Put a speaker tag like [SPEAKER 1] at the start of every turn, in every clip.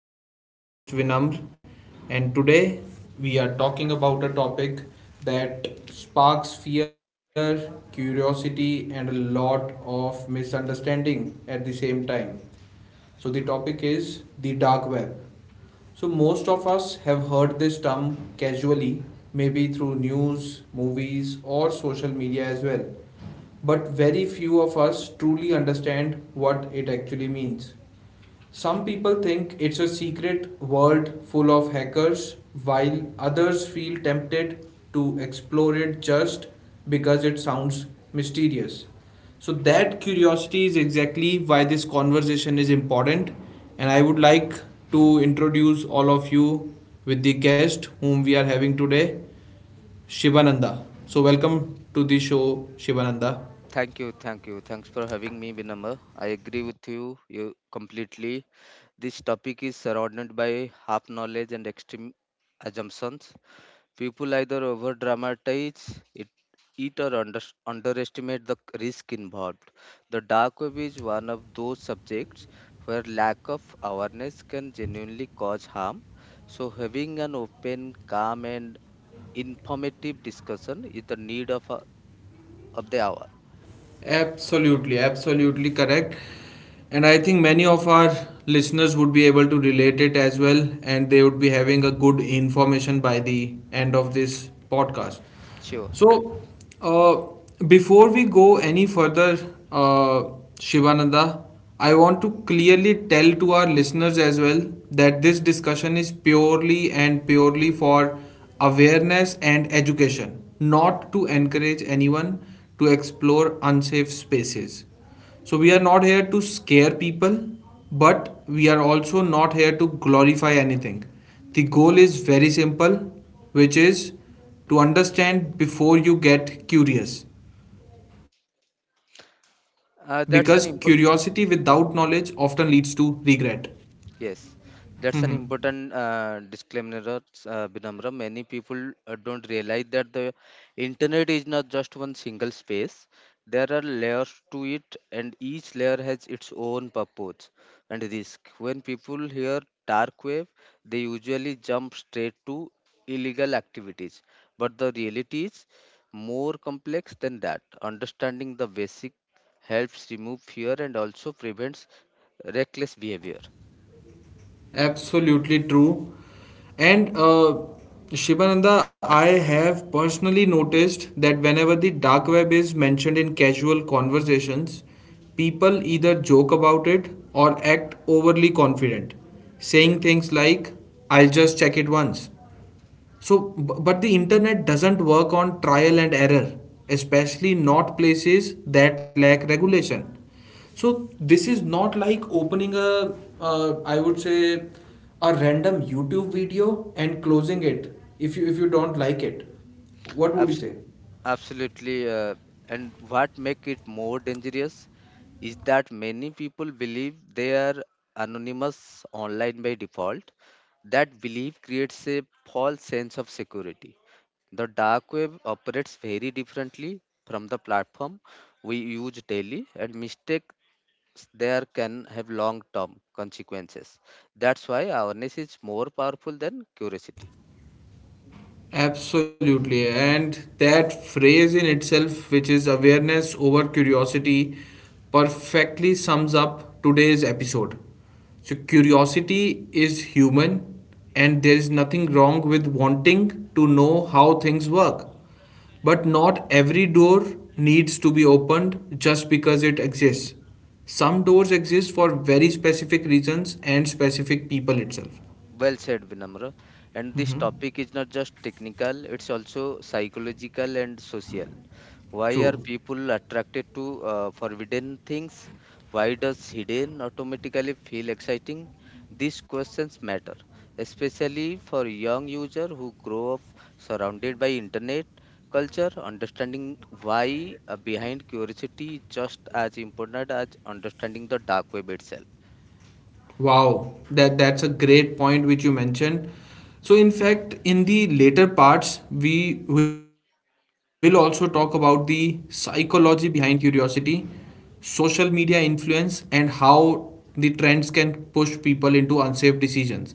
[SPEAKER 1] I am your host Vinamr, and today we are talking about a topic that sparks fear, curiosity, and a lot of misunderstanding at the same time. So, the topic is the dark web. So, most of us have heard this term casually, maybe through news, movies, or social media as well, but very few of us truly understand what it actually means. Some people think it's a secret world full of hackers, while others feel tempted to explore it just because it sounds mysterious. So, that curiosity is exactly why this conversation is important, and I would like to introduce all of you with the guest whom we are having today, Shivananda. So, welcome to the show, Shivananda.
[SPEAKER 2] Thank you, thank you. Thanks for having me, Vinamr. I agree with you completely. This topic is surrounded by half knowledge and extreme assumptions. People either over dramatize it or under, underestimate the risk involved. The dark web is one of those subjects where lack of awareness can genuinely cause harm. So, having an open, calm, and informative discussion is the need of the hour.
[SPEAKER 1] Absolutely, absolutely correct. And I think many of our listeners would be able to relate it as well, and they would be having a good information by the end of this podcast.
[SPEAKER 2] Sure.
[SPEAKER 1] So, before we go any further, uh, Shivananda, I want to clearly tell to our listeners as well that this discussion is purely and purely for awareness and education, not to encourage anyone to explore unsafe spaces. So we are not here to scare people, but we are also not here to glorify anything. The goal is very simple, which is to understand before you get curious. Because curiosity without
[SPEAKER 2] Uh,
[SPEAKER 1] knowledge
[SPEAKER 2] that's an imp-
[SPEAKER 1] often leads to regret.
[SPEAKER 2] Yes, that's an important disclaimer, Vinamra. Many people don't realize that the internet is not just one single space. There are layers to it, and each layer has its own purpose and risk. When people hear dark web, they usually jump straight to illegal activities. But the reality is more complex than that. Understanding the basic helps remove fear and also prevents reckless behavior.
[SPEAKER 1] Absolutely true. And Shibananda, I have personally noticed that whenever the dark web is mentioned in casual conversations, people either joke about it or act overly confident, saying
[SPEAKER 2] Yes.
[SPEAKER 1] things like, I'll just check it once, so, but the internet doesn't work on trial and error, especially not places that lack regulation. So, this is not like opening a, I would say, a random YouTube video and closing it if you don't like it. What would you
[SPEAKER 2] Abs-
[SPEAKER 1] say?
[SPEAKER 2] absolutely. And what make it more dangerous is that many people believe they are anonymous online by default. That belief creates a false sense of security. The dark web operates very differently from the platform we use daily, and mistakes there can have long term consequences. That's why awareness is more powerful than curiosity.
[SPEAKER 1] Absolutely. And that phrase in itself, which is awareness over curiosity, perfectly sums up today's episode. So, curiosity is human, and there is nothing wrong with wanting to know how things work. But not every door needs to be opened just because it exists. Some doors exist for very specific reasons and specific people itself.
[SPEAKER 2] Well said, Vinamra. And this
[SPEAKER 1] Mhm.
[SPEAKER 2] topic is not just technical, it's also psychological and social. Why are
[SPEAKER 1] True.
[SPEAKER 2] people attracted to forbidden things? Why does hidden automatically feel exciting? These questions matter, especially for young user who grow up surrounded by internet culture. Understanding why behind curiosity is just as important as understanding the dark web itself.
[SPEAKER 1] Wow, that's a great point which you mentioned. So in fact, in the later parts, we will also talk about the psychology behind curiosity, social media influence, and how the trends can push people into unsafe decisions.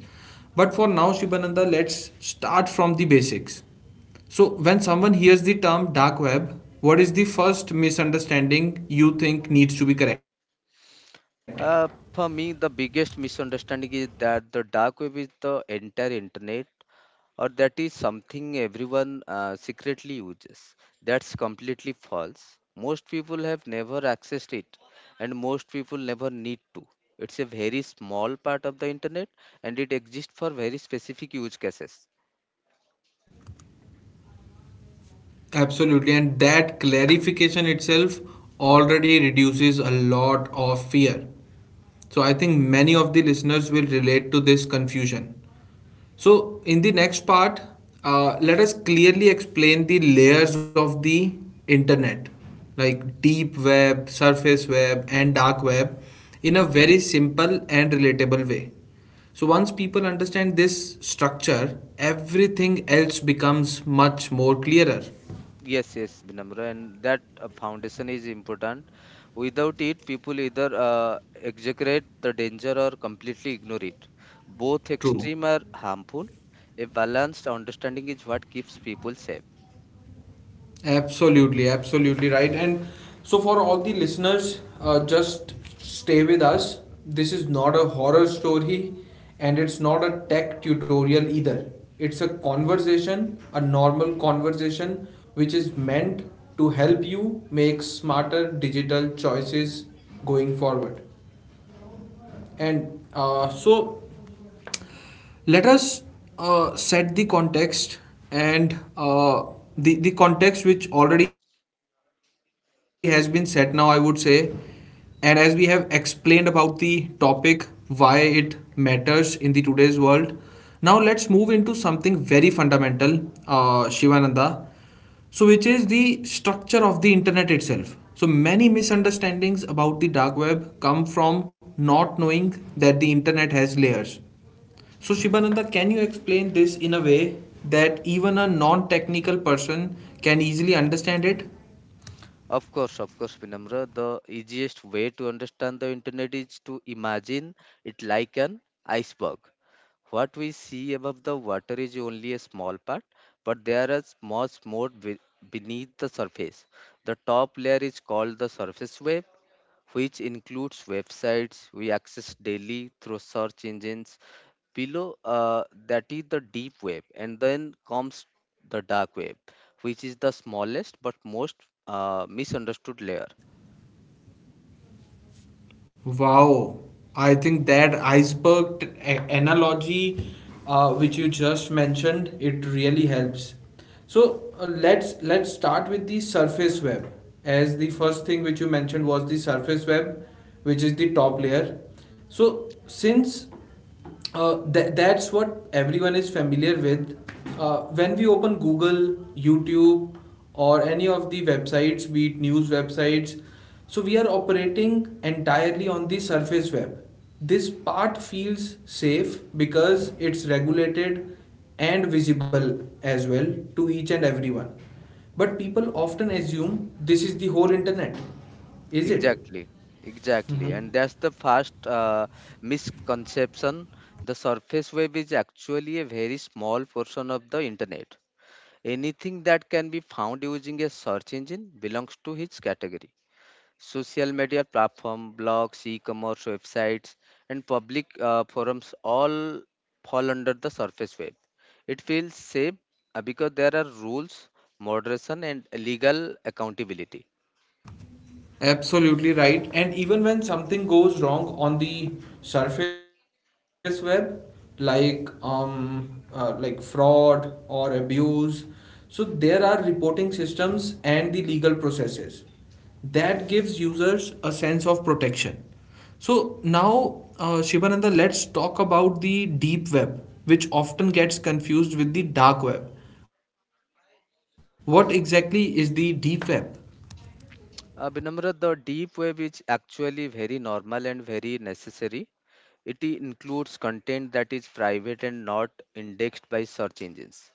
[SPEAKER 1] But for now, Shibananda, let's start from the basics. So when someone hears the term dark web, what is the first misunderstanding you think needs to be corrected?
[SPEAKER 2] Uh, for me, the biggest misunderstanding is that the dark web is the entire internet, or that is something everyone secretly uses. That's completely false. Most people have never accessed it, and most people never need to. It's a very small part of the internet, and it exists for very specific use cases.
[SPEAKER 1] Absolutely, and that clarification itself already reduces a lot of fear. So, I think many of the listeners will relate to this confusion. So, in the next part, let us clearly explain the layers of the internet like deep web, surface web, and dark web in a very simple and relatable way. So, once people understand this structure, everything else becomes much more clearer.
[SPEAKER 2] Yes, yes, Vinamra, and that foundation is important. Without it, people either exaggerate the danger or completely ignore it. Both
[SPEAKER 1] True.
[SPEAKER 2] extreme are harmful. A balanced understanding is what keeps people safe.
[SPEAKER 1] Absolutely, absolutely right. And so, for all the listeners, just stay with us. This is not a horror story, and it's not a tech tutorial either. It's a conversation, a normal conversation, which is meant to help you make smarter digital choices going forward. And so, let us set the context and the context which already has been set now, I would say, and as we have explained about the topic, why it matters in the today's world, now let's move into something very fundamental, Shivananda, so, which is the structure of the internet itself. So, many misunderstandings about the dark web come from not knowing that the internet has layers. So, Shibananda, can you explain this in a way that even a non technical person can easily understand it?
[SPEAKER 2] Of course, Vinamra, the easiest way to understand the internet is to imagine it like an iceberg. What we see above the water is only a small part, but there is much more beneath the surface. The top layer is called the surface web, which includes websites we access daily through search engines. Below that is the deep web, and then comes the dark web, which is the smallest but most misunderstood layer.
[SPEAKER 1] Wow, I think that iceberg analogy which you just mentioned it really helps. So let's start with the surface web. As the first thing which you mentioned was the surface web, which is the top layer. So since that's what everyone is familiar with. When we open Google, YouTube, or any of the websites, be it news websites, so we are operating entirely on the surface web. This part feels safe because it's regulated and visible as well to each and everyone. But people often assume this is the whole internet. Is it?
[SPEAKER 2] Exactly, exactly, and that's the first misconception. The surface web is actually a very small portion of the internet. Anything that can be found using a search engine belongs to its category. Social media platform, blogs, e-commerce websites, and public forums all fall under the surface web. It feels safe because there are rules, moderation, and legal accountability.
[SPEAKER 1] Absolutely right. And even when something goes wrong on the surface web, like fraud or abuse, so there are reporting systems and the legal processes that gives users a sense of protection. So now, Shivananda, let's talk about the deep web, which often gets confused with the dark web. What exactly is the deep web?
[SPEAKER 2] Vinamra, the deep web is actually very normal and very necessary. It includes content that is private and not indexed by search engines.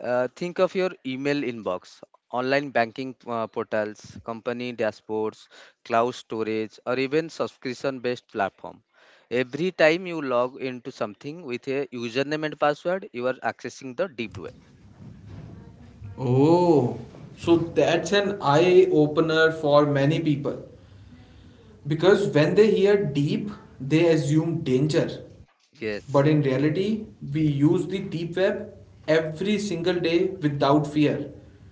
[SPEAKER 2] Think of your email inbox, online banking portals, company dashboards, cloud storage, or even subscription based platform. Every time you log into something with a username and password, you are accessing the deep web.
[SPEAKER 1] Oh, so that's an eye opener for many people because when they hear deep, they assume danger. But in
[SPEAKER 2] Yes.
[SPEAKER 1] reality, we use the deep web every single day without fear.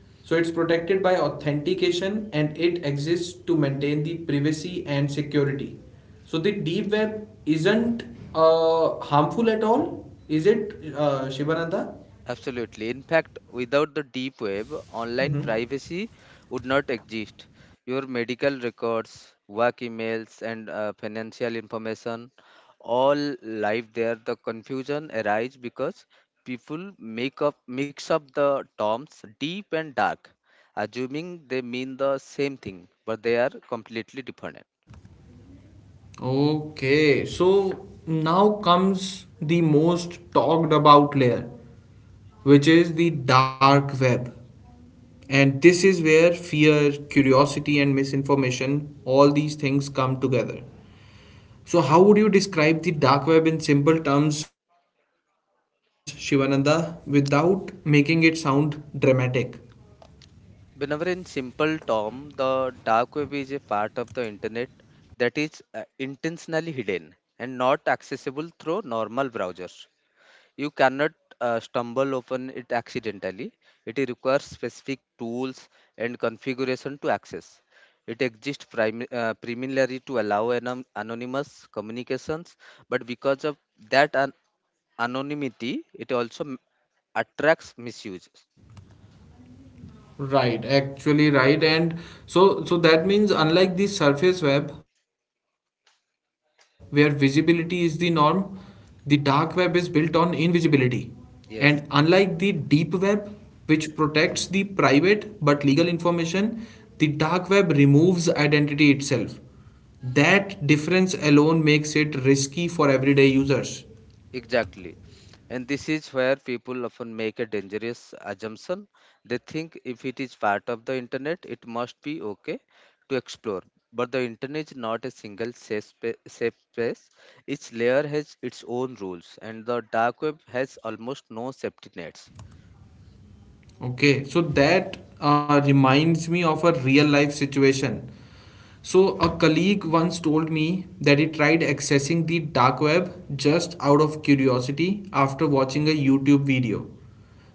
[SPEAKER 1] So it's protected by authentication, and it exists to maintain the privacy and security. So the deep web isn't harmful at all, is it, Shivananda?
[SPEAKER 2] Absolutely. In fact, without the deep web, online privacy would not exist. Your medical records, work emails, and financial information all live there. The confusion arises because people make up mix up the terms deep and dark, assuming they mean the same thing, but they are completely different.
[SPEAKER 1] Okay, so now comes the most talked about layer, which is the dark web. And this is where fear, curiosity, and misinformation, all these things come together. So, how would you describe the dark web in simple terms, Shivananda, without making it sound dramatic?
[SPEAKER 2] Whenever in simple term, the dark web is a part of the internet that is intentionally hidden and not accessible through normal browsers. You cannot stumble upon it accidentally. It requires specific tools and configuration to access. It exists primarily to allow anonymous communications, but because of that anonymity, it also attracts misuse.
[SPEAKER 1] Right, actually right. And so so that means unlike the surface web where visibility is the norm, the dark web is built on invisibility. And unlike the deep
[SPEAKER 2] Yes.
[SPEAKER 1] web which protects the private but legal information, the dark web removes identity itself. That difference alone makes it risky for everyday users.
[SPEAKER 2] Exactly. And this is where people often make a dangerous assumption. They think if it is part of the internet, it must be okay to explore. But the internet is not a single safe space. Each layer has its own rules, and the dark web has almost no safety nets.
[SPEAKER 1] Okay, so that reminds me of a real life situation. So, a colleague once told me that he tried accessing the dark web just out of curiosity after watching a YouTube video.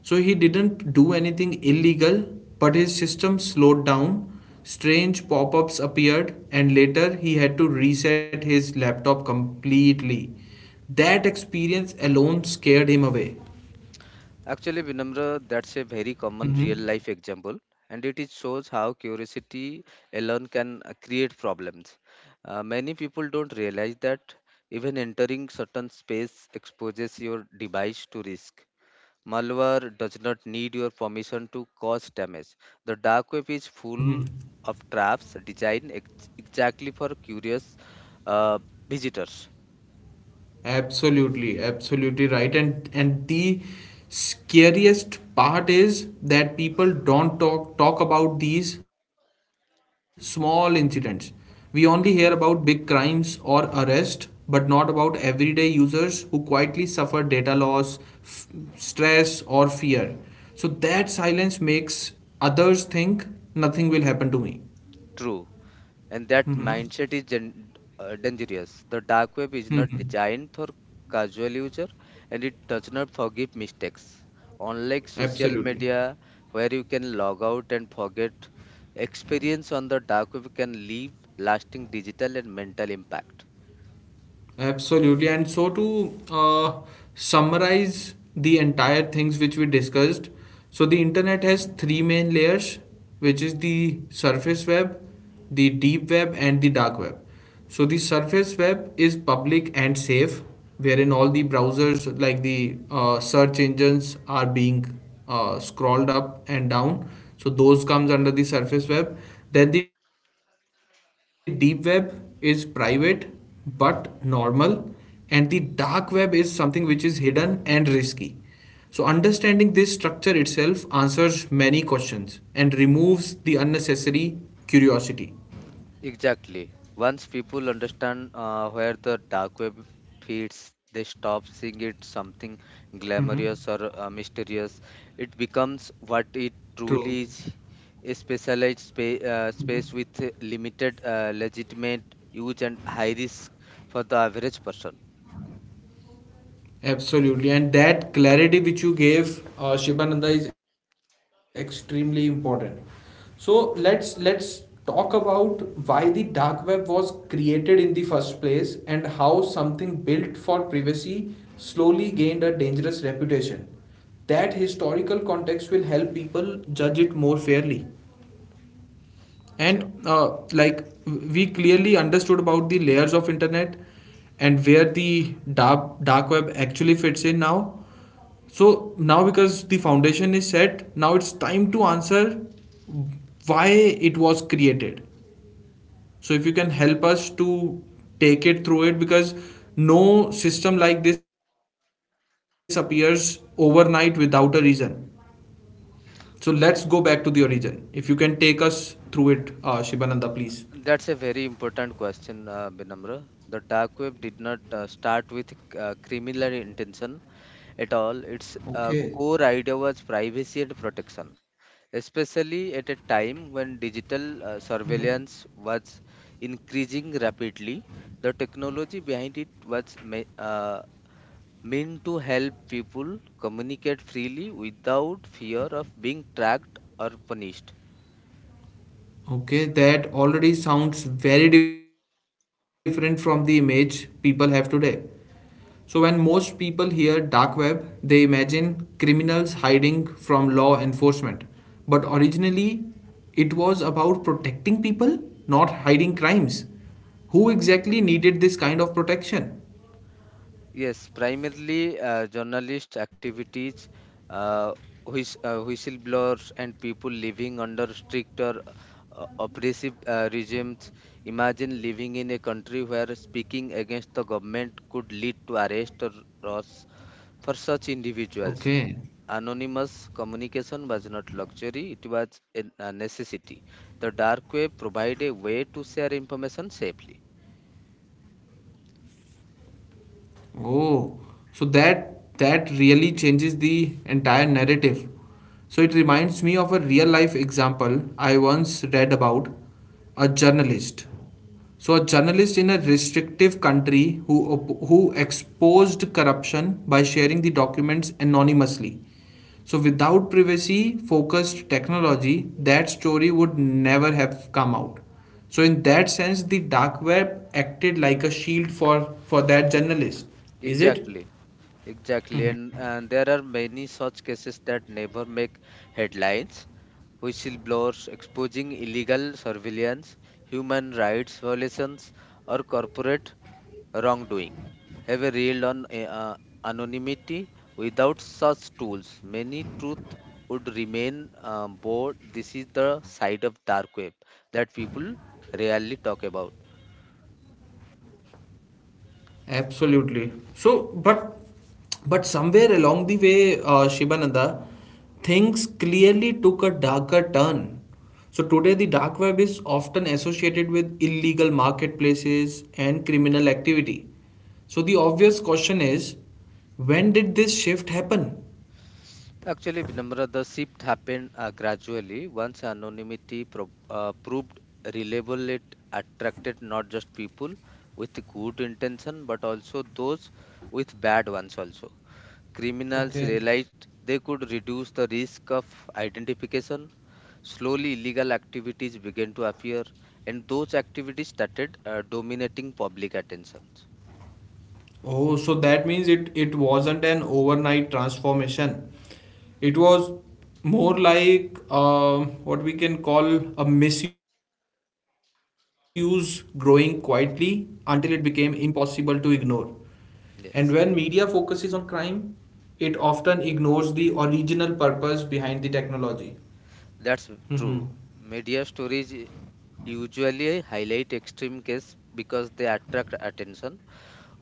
[SPEAKER 1] So, he didn't do anything illegal, but his system slowed down, strange pop ups appeared, and later he had to reset his laptop completely. That experience alone scared him away.
[SPEAKER 2] Actually, Vinamra, that's a very common
[SPEAKER 1] Mm-hmm.
[SPEAKER 2] real life example, and it is shows how curiosity alone can create problems. Many people don't realize that even entering certain space exposes your device to risk. Malware does not need your permission to cause damage. The dark web is full
[SPEAKER 1] Mm-hmm.
[SPEAKER 2] of traps designed exactly for curious uh, visitors.
[SPEAKER 1] Absolutely, absolutely right. And the scariest part is that people don't talk about these small incidents. We only hear about big crimes or arrest, but not about everyday users who quietly suffer data loss, f- stress, or fear. So that silence makes others think nothing will happen to me.
[SPEAKER 2] True. And that
[SPEAKER 1] Mhm.
[SPEAKER 2] mindset is dangerous. The dark web is
[SPEAKER 1] Mhm.
[SPEAKER 2] not designed for casual user and it does not forgive mistakes. Unlike social
[SPEAKER 1] Absolutely.
[SPEAKER 2] media, where you can log out and forget, experience on the dark web can leave lasting digital and mental impact.
[SPEAKER 1] Absolutely. And so to summarize the entire things which we discussed, so the internet has three main layers, which is the surface web, the deep web, and the dark web. So the surface web is public and safe, wherein all the browsers like the search engines are being scrolled up and down. So those comes under the surface web. Then the deep web is private but normal, and the dark web is something which is hidden and risky. So, understanding this structure itself answers many questions and removes the unnecessary curiosity.
[SPEAKER 2] Exactly. Once people understand where the dark web feeds, they stop seeing it something
[SPEAKER 1] Mm-hmm.
[SPEAKER 2] glamorous or mysterious. It becomes what it
[SPEAKER 1] True.
[SPEAKER 2] truly is, a specialized space with limited legitimate use and high risk for the average person.
[SPEAKER 1] Absolutely, and that clarity which you gave, Shibananda, is extremely important. So let's talk about why the dark web was created in the first place and how something built for privacy slowly gained a dangerous reputation. That historical context will help people judge it more fairly,
[SPEAKER 2] Sure.
[SPEAKER 1] and like we clearly understood about the layers of internet and where the dark web actually fits in now, so now because the foundation is set, now it's time to answer why it was created. So if you can help us to take it through it, because no system like this appears overnight without a reason, so let's go back to the origin if you can take us through it, Shibananda, please.
[SPEAKER 2] That's a very important question, Binamra. The dark web did not start with criminal intention. At all. Its
[SPEAKER 1] Okay.
[SPEAKER 2] core idea was privacy and protection, especially at a time when digital surveillance was increasing rapidly. The technology behind it was meant to help people communicate freely without fear of being tracked or punished.
[SPEAKER 1] Okay, that already sounds very different from the image people have today. So, when most people hear dark web, they imagine criminals hiding from law enforcement. But originally, it was about protecting people, not hiding crimes. Who exactly needed this kind of protection?
[SPEAKER 2] Yes, primarily journalist activities, uh, whistleblowers, and people living under stricter oppressive regimes. Imagine living in a country where speaking against the government could lead to arrest or loss for such individuals.
[SPEAKER 1] Okay.
[SPEAKER 2] Anonymous communication was not luxury, it was a necessity. The dark web provided a way to share information safely.
[SPEAKER 1] Oh, so that that really changes the entire narrative. So it reminds me of a real life example I once read about a journalist, so a journalist in a restrictive country who exposed corruption by sharing the documents anonymously. So without privacy focused technology, that story would never have come out. So in that sense, the dark web acted like a shield for that journalist. Is it?
[SPEAKER 2] Exactly. Exactly, and there are many such cases that never make headlines. Whistleblowers exposing illegal surveillance, human rights violations, or corporate wrongdoing have a real on anonymity. Without such tools, many truth would remain bored. This is the side of dark web that people rarely talk about.
[SPEAKER 1] Absolutely. So, but somewhere along the way, Shibananda, things clearly took a darker turn. So today, the dark web is often associated with illegal marketplaces and criminal activity. So the obvious question is, when did this shift happen?
[SPEAKER 2] Actually, Vinamra, the shift happened gradually. Once anonymity proved reliable, it attracted not just people with good intention, but also those with bad ones also. Criminals
[SPEAKER 1] Okay.
[SPEAKER 2] realized they could reduce the risk of identification. Slowly, illegal activities began to appear, and those activities started dominating public attention.
[SPEAKER 1] Oh, so that means it it wasn't an overnight transformation. It was more like, um, what we can call a misuse growing quietly until it became impossible to ignore. And when media focuses
[SPEAKER 2] Yes.
[SPEAKER 1] on crime, it often ignores the original purpose behind the technology. Mm-hmm.
[SPEAKER 2] That's true. Media stories usually highlight extreme cases because they attract attention.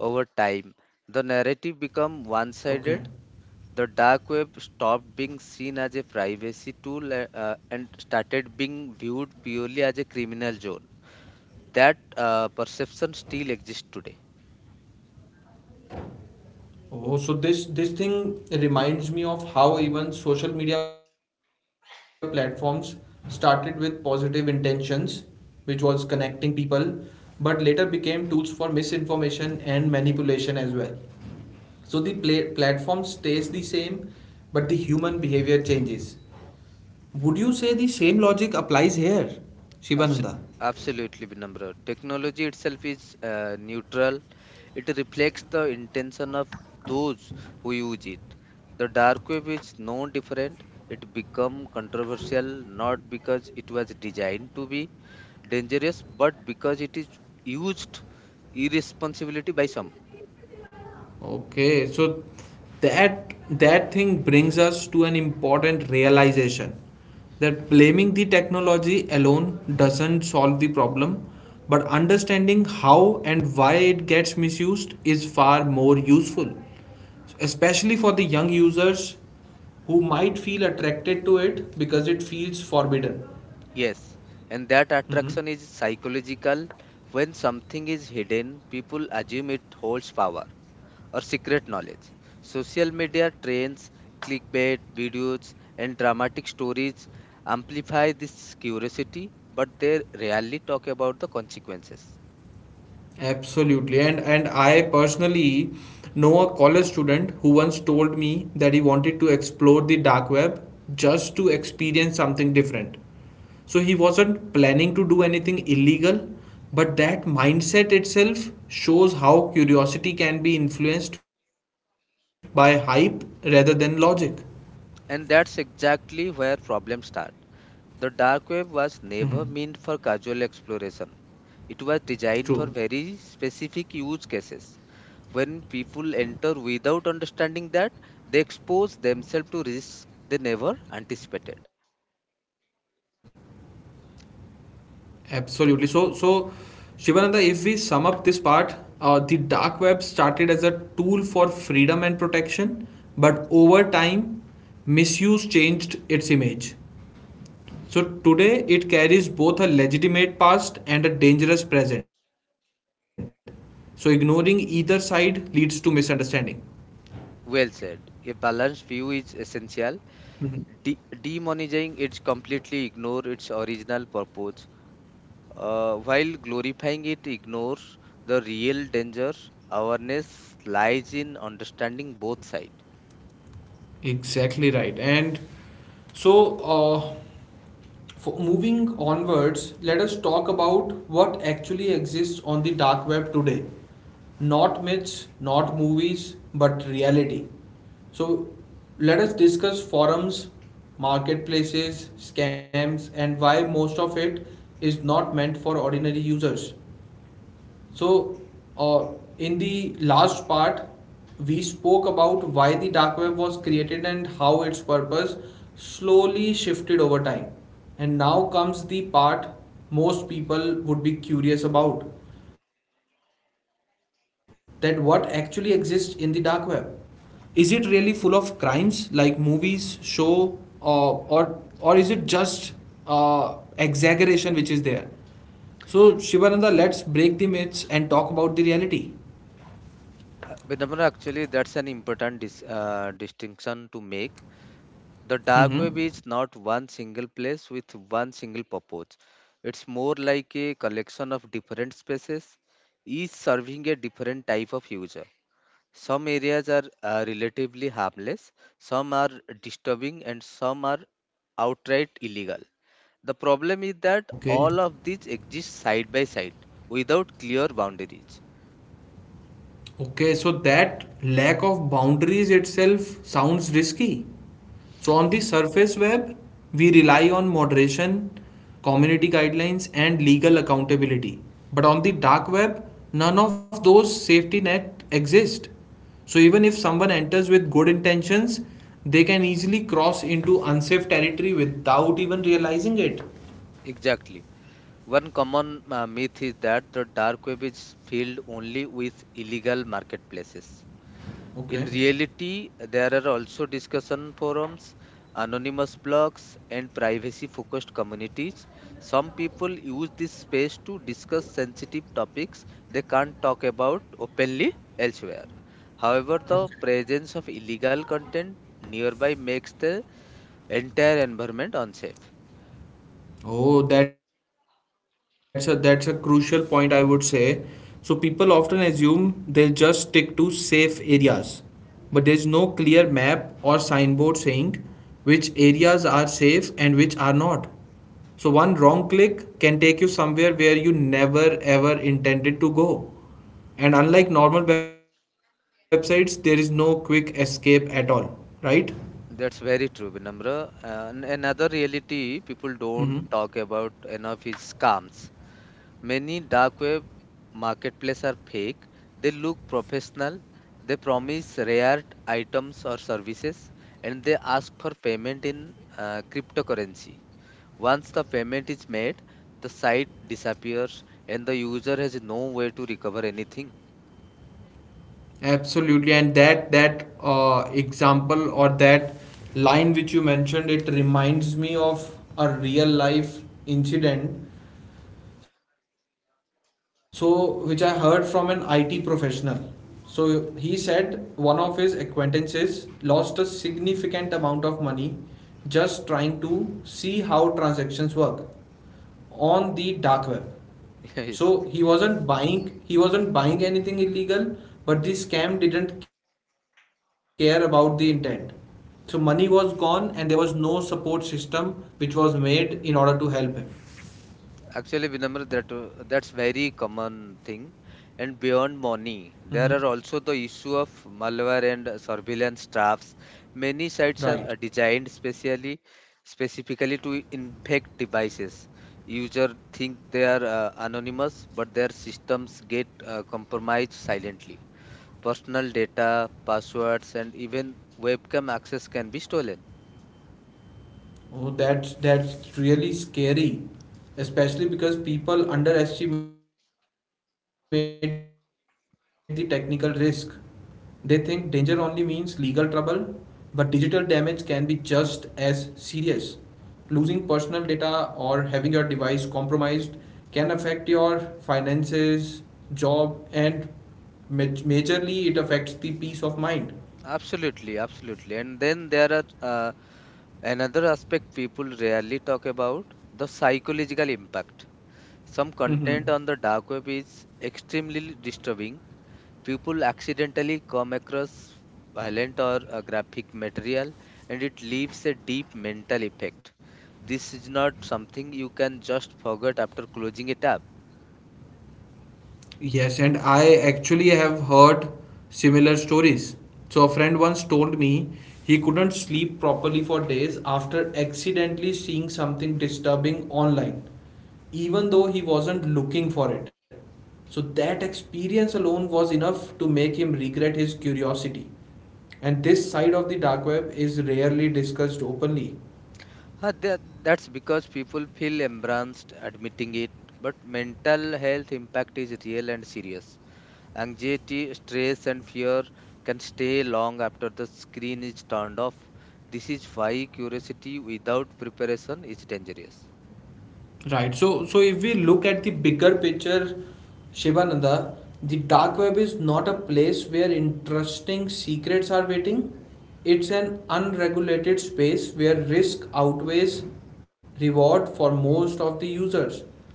[SPEAKER 2] Over time,
[SPEAKER 1] Okay.
[SPEAKER 2] the narrative become one-sided. The dark web stopped being seen as a privacy tool and started being viewed purely as a criminal zone. That perception still exists today.
[SPEAKER 1] Oh, so this thing reminds me of how even social media platforms started with positive intentions, which was connecting people, but later became tools for misinformation and manipulation as well. So the platform stays the same, but the human behavior changes. Would you say the same logic applies here, Shibananda?
[SPEAKER 2] Abs- Absolutely, Vinamra. Technology itself is neutral. It reflects the intention of those who use it. The dark web is no different. It become controversial not because it was designed to be dangerous, but because it is used irresponsibility by some.
[SPEAKER 1] Okay, so that thing brings us to an important realization that blaming the technology alone doesn't solve the problem, but understanding how and why it gets misused is far more useful, especially for the young users who might feel attracted to it because it feels forbidden.
[SPEAKER 2] Yes, and that
[SPEAKER 1] Mhm.
[SPEAKER 2] attraction is psychological. When something is hidden, people assume it holds power. Or secret knowledge. Social media trends, clickbait videos, and dramatic stories amplify this curiosity, but they rarely talk about the consequences.
[SPEAKER 1] Absolutely. And I personally know a college student who once told me that he wanted to explore the dark web just to experience something different. So he wasn't planning to do anything illegal, but that mindset itself shows how curiosity can be influenced by hype rather than logic.
[SPEAKER 2] And that's exactly where problems start. The dark web
[SPEAKER 1] Mhm.
[SPEAKER 2] was never meant for casual exploration. It was designed
[SPEAKER 1] True.
[SPEAKER 2] for very specific use cases. When people enter without understanding that, they expose themselves to risks they never anticipated.
[SPEAKER 1] Absolutely. So, Shivananda, if we sum up this part, the dark web started as a tool for freedom and protection, but over
[SPEAKER 2] Yes.
[SPEAKER 1] time, misuse changed its image. So today, it carries both a legitimate past and a dangerous present. So ignoring either side leads to misunderstanding.
[SPEAKER 2] Well said. A balanced view is
[SPEAKER 1] Mhm.
[SPEAKER 2] essential. Demonizing it completely ignores its original purpose, while glorifying it ignores the real danger. Awareness lies in understanding both sides.
[SPEAKER 1] Exactly right. And so, uh, for moving onwards, let us talk about what actually exists on the dark web today. Not myths, not movies, but reality. So, let us discuss forums, marketplaces, scams, and why most of it is not meant for ordinary users. So, uh, in the last part, we spoke about why the dark web was created and how its purpose slowly shifted over time. And now comes the part most people would be curious about that what actually exists in the dark web. Is it really full of crimes like movies show or is it just exaggeration which is there? So Shivananda, let's break the myths and talk about the reality.
[SPEAKER 2] Vinamra, actually, that's an important distinction to make. The dark
[SPEAKER 1] Mm-hmm.
[SPEAKER 2] web is not one single place with one single purpose. It's more like a collection of different spaces, each serving a different type of user. Some areas are relatively harmless, some are disturbing, and some are outright illegal. The problem is that
[SPEAKER 1] Okay.
[SPEAKER 2] all of these exist side by side without clear boundaries.
[SPEAKER 1] Okay. So that lack of boundaries itself sounds risky. So on the surface web, we rely on moderation, community guidelines, and legal accountability. But on the dark web, none of those safety net exist. So even if someone enters with good intentions, they can easily cross into unsafe territory without even realizing it.
[SPEAKER 2] Exactly. One common myth is that the dark web is filled only with illegal marketplaces. In
[SPEAKER 1] Okay.
[SPEAKER 2] reality, there are also discussion forums, anonymous blogs, and privacy focused communities. Some people use this space to discuss sensitive topics they can't talk about openly elsewhere. However, the
[SPEAKER 1] Okay.
[SPEAKER 2] presence of illegal content nearby makes the entire environment unsafe.
[SPEAKER 1] Oh, that's a crucial point I would say. So people often assume they'll just stick to safe areas, but there's no clear map or signboard saying which areas are safe and which are not. So one wrong click can take you somewhere where you never ever intended to go. And unlike normal websites, there is no quick escape at all, right?
[SPEAKER 2] That's very true, Vinamra. And another reality
[SPEAKER 1] Mm-hmm.
[SPEAKER 2] people don't talk about enough is scams. Many dark web marketplaces are fake. They look professional, they promise rare items or services, and they ask for payment in cryptocurrency. Once the payment is made, the site disappears and the user has no way to recover anything.
[SPEAKER 1] Absolutely, and that that example or that line which you mentioned, it reminds me of a real life incident. So, which I heard from an IT professional. So he said one of his acquaintances lost a significant amount of money just trying to see how transactions work on the dark web. So
[SPEAKER 2] yes.
[SPEAKER 1] he wasn't buying anything illegal, but the scam didn't care about the intent. So money was gone and there was no support system which was made in order to help him.
[SPEAKER 2] Actually, Vinamra, that that's very common thing. And beyond money,
[SPEAKER 1] Mhm.
[SPEAKER 2] there are also the issue of malware and surveillance traps. Many sites are
[SPEAKER 1] Right.
[SPEAKER 2] designed specially specifically to infect devices. User think they are anonymous, but their systems get compromised silently. Personal data, passwords, and even webcam access can be stolen.
[SPEAKER 1] Oh, that's really scary, especially because people underestimate the technical risk. They think danger only means legal trouble, but digital damage can be just as serious. Losing personal data or having your device compromised can affect your finances, job, and majorly it affects the peace of mind.
[SPEAKER 2] Absolutely, absolutely. And then there are another aspect people rarely talk about the psychological impact. Some content on the dark web is extremely disturbing. People accidentally come across violent or graphic material and it leaves a deep mental effect. This is not something you can just forget after closing a tab.
[SPEAKER 1] Yes, and I actually have heard similar stories. So, a friend once told me he couldn't sleep properly for days after accidentally seeing something disturbing online, even though he wasn't looking for it. So, that experience alone was enough to make him regret his curiosity. And this side of the dark web is rarely discussed openly.
[SPEAKER 2] That's because people feel embarrassed admitting it, but mental health impact is real and serious. Anxiety, stress, and fear can stay long after the screen is turned off. This is why curiosity without preparation is dangerous.
[SPEAKER 1] Right. So, if we look at the bigger picture, Shivananda, the dark web is not a place where interesting secrets are waiting. It's an unregulated space where risk outweighs reward for most of the users.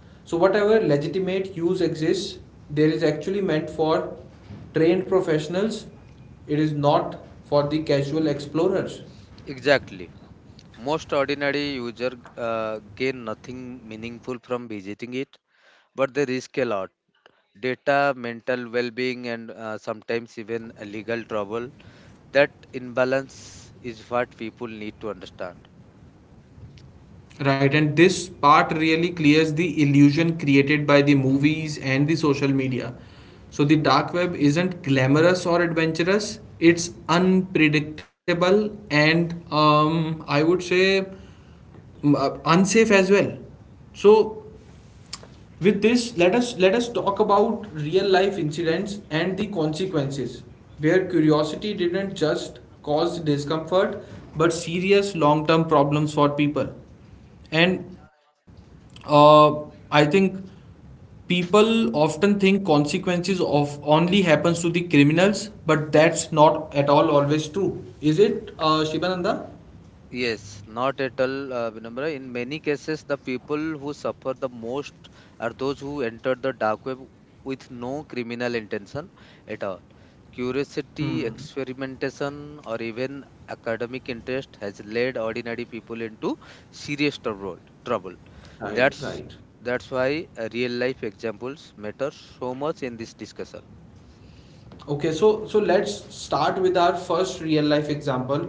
[SPEAKER 1] So, whatever legitimate use exists, there is actually meant for trained professionals. It is not for the casual explorers.
[SPEAKER 2] Exactly. Most ordinary user gain nothing meaningful from visiting it, but they risk a lot. Data, mental well-being, and sometimes even legal trouble. That imbalance is what people need to understand.
[SPEAKER 1] Right, and this part really clears the illusion created by the movies and the social media. So, the dark web isn't glamorous or adventurous, it's unpredictable and I would say unsafe as well. So, with this, let us talk about real life incidents and the consequences, where curiosity didn't just cause discomfort but serious long term problems for people. And uh, I think people often think consequences of only happens to the criminals, but that's not at all always true. Is it, Shibananda?
[SPEAKER 2] Yes, not at all, Vinamra. In many cases, the people who suffer the most are those who entered the dark web with no criminal intention at all.
[SPEAKER 1] Hmm.
[SPEAKER 2] Curiosity, experimentation, or even academic interest has led ordinary people into serious trouble. Trouble.
[SPEAKER 1] Right,
[SPEAKER 2] That's
[SPEAKER 1] right.
[SPEAKER 2] that's why real life examples matter so much in this discussion.
[SPEAKER 1] Okay, so let's start with our first real life example.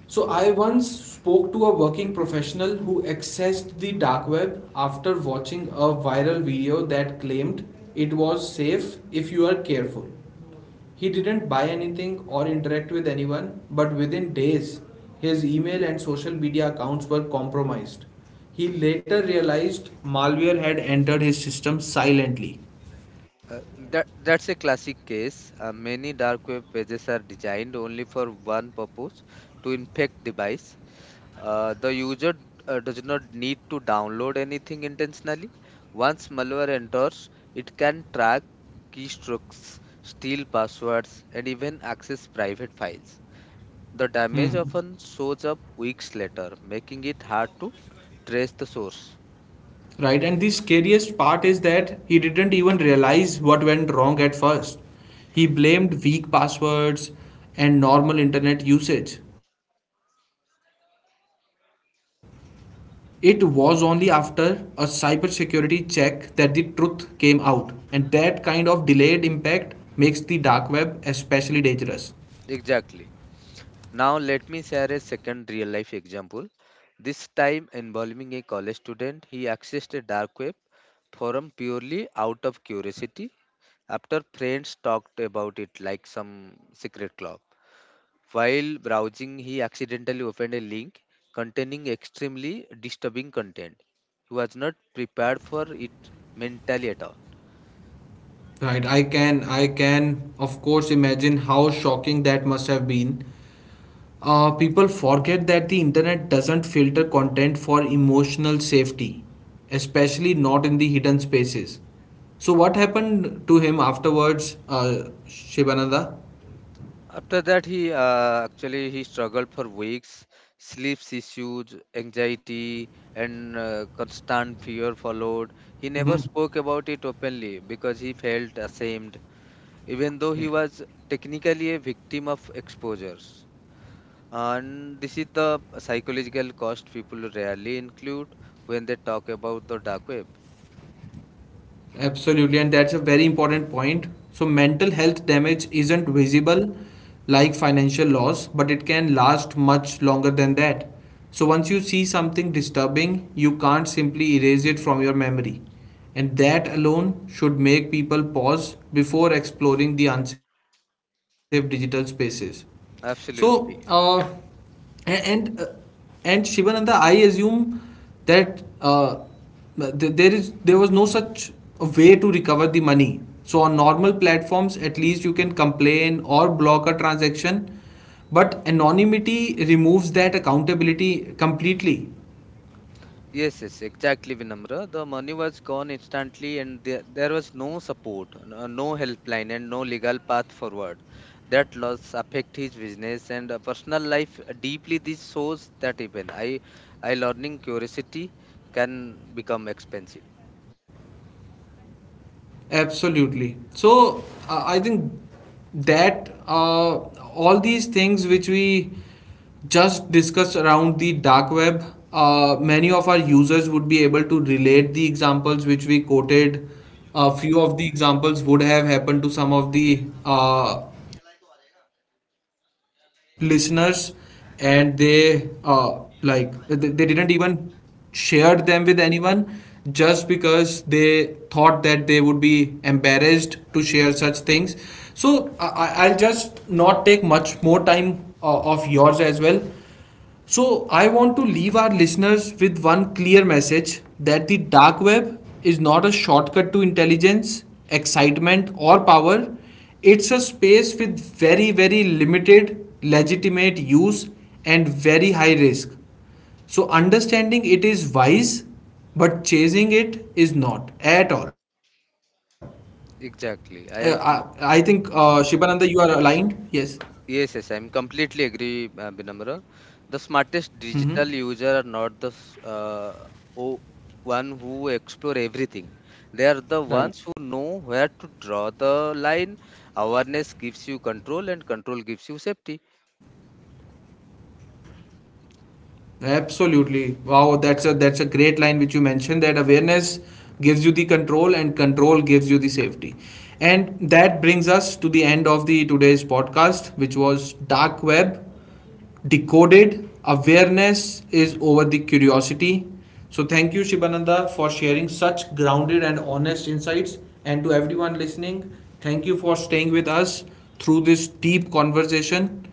[SPEAKER 1] So I once spoke to a working professional who accessed the dark web after watching a viral video that claimed it was safe if you are careful. He didn't buy anything or interact with anyone, but within days, his email and social media accounts were compromised. He later realized malware had entered his system silently.
[SPEAKER 2] That's a classic case. Many dark web pages are designed only for one purpose, to infect device. The user does not need to download anything intentionally. Once malware enters, it can track keystrokes, steal passwords, and even access private files. The damage
[SPEAKER 1] Hmm.
[SPEAKER 2] often shows up weeks later, making it hard to trace the source.
[SPEAKER 1] Right, and the scariest part is that he didn't even realize what went wrong at first. He blamed weak passwords and normal internet usage. It was only after a cybersecurity check that the truth came out, and that kind of delayed impact makes the dark web especially dangerous.
[SPEAKER 2] Exactly. Now, let me share a second real life example. This time involving a college student, he accessed a dark web forum purely out of curiosity after friends talked about it like some secret club. While browsing, he accidentally opened a link containing extremely disturbing content. He was not prepared for it mentally at all.
[SPEAKER 1] Right, I can of course imagine how shocking that must have been. People forget that the internet doesn't filter content for emotional safety, especially not in the hidden spaces. So, what happened to him afterwards, Shibananda?
[SPEAKER 2] After that, he actually he struggled for weeks. Sleep issues, anxiety, and
[SPEAKER 1] Mm-hmm.
[SPEAKER 2] constant fear followed. He never spoke about it openly because he
[SPEAKER 1] Okay.
[SPEAKER 2] felt ashamed, even though he was technically a victim of exposures. And this is the psychological cost people rarely include when they talk about the dark web.
[SPEAKER 1] Absolutely, and that's a very important point. So, mental health damage isn't visible like financial loss, but it can last much longer than that. So, once you see something disturbing, you can't simply erase it from your memory. And that alone should make people pause before exploring the unsafe digital spaces. So,
[SPEAKER 2] Absolutely.
[SPEAKER 1] and and, uh, and Shivananda, I assume that th- there is there was no such a way to recover the money. So on normal platforms, at least you can complain or block a transaction, but anonymity removes that accountability completely.
[SPEAKER 2] Yes, yes, exactly, Vinamra. The money was gone instantly, and there was no support, no helpline, and no legal path forward. That loss affect his business and personal life deeply. This shows that even I learning curiosity can become expensive.
[SPEAKER 1] Absolutely. So I think that all these things which we just discussed around the dark web, many of our users would be able to relate the examples which we quoted. A few of the examples would have happened to some of the listeners, and they they didn't even shared them with anyone just because they thought that they would be embarrassed to share such things. So I'll just not take much more time of yours as well. So, I want to leave our listeners with one clear message that the dark web is not a shortcut to intelligence, excitement, or power. It's a space with very, very limited legitimate use and very high risk. So, understanding it is wise, but chasing it is not at all. Uh, I
[SPEAKER 2] Exactly, I
[SPEAKER 1] think,
[SPEAKER 2] am. Com-
[SPEAKER 1] Shibananda, you are aligned? Yes.
[SPEAKER 2] Yes, yes, I'm completely agree, Vinamra. The smartest
[SPEAKER 1] Hmm.
[SPEAKER 2] digital user are not the o- one who explore everything. They are the
[SPEAKER 1] Right.
[SPEAKER 2] ones who know where to draw the line. Awareness gives you control, and control gives you safety.
[SPEAKER 1] Absolutely. Wow, that's a great line which you mentioned that awareness gives you the control and control gives you the safety. And that brings us to the end of the today's podcast which was dark web decoded awareness is over the curiosity. So thank you Shibananda for sharing such grounded and honest insights and to everyone listening, thank you for staying with us through this deep conversation.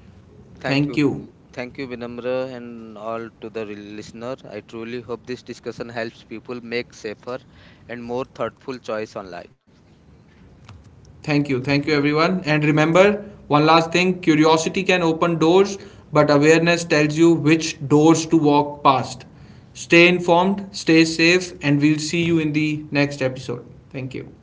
[SPEAKER 2] Thank you,
[SPEAKER 1] Thank you.
[SPEAKER 2] thank you, Vinamra, and all to the listener. I truly hope this discussion helps people make safer and more thoughtful choice online.
[SPEAKER 1] Thank you. Thank you, everyone. And remember, one last thing curiosity can open doors, but awareness tells you which doors to walk past. Stay informed, stay safe, and we'll see you in the next episode. Thank you.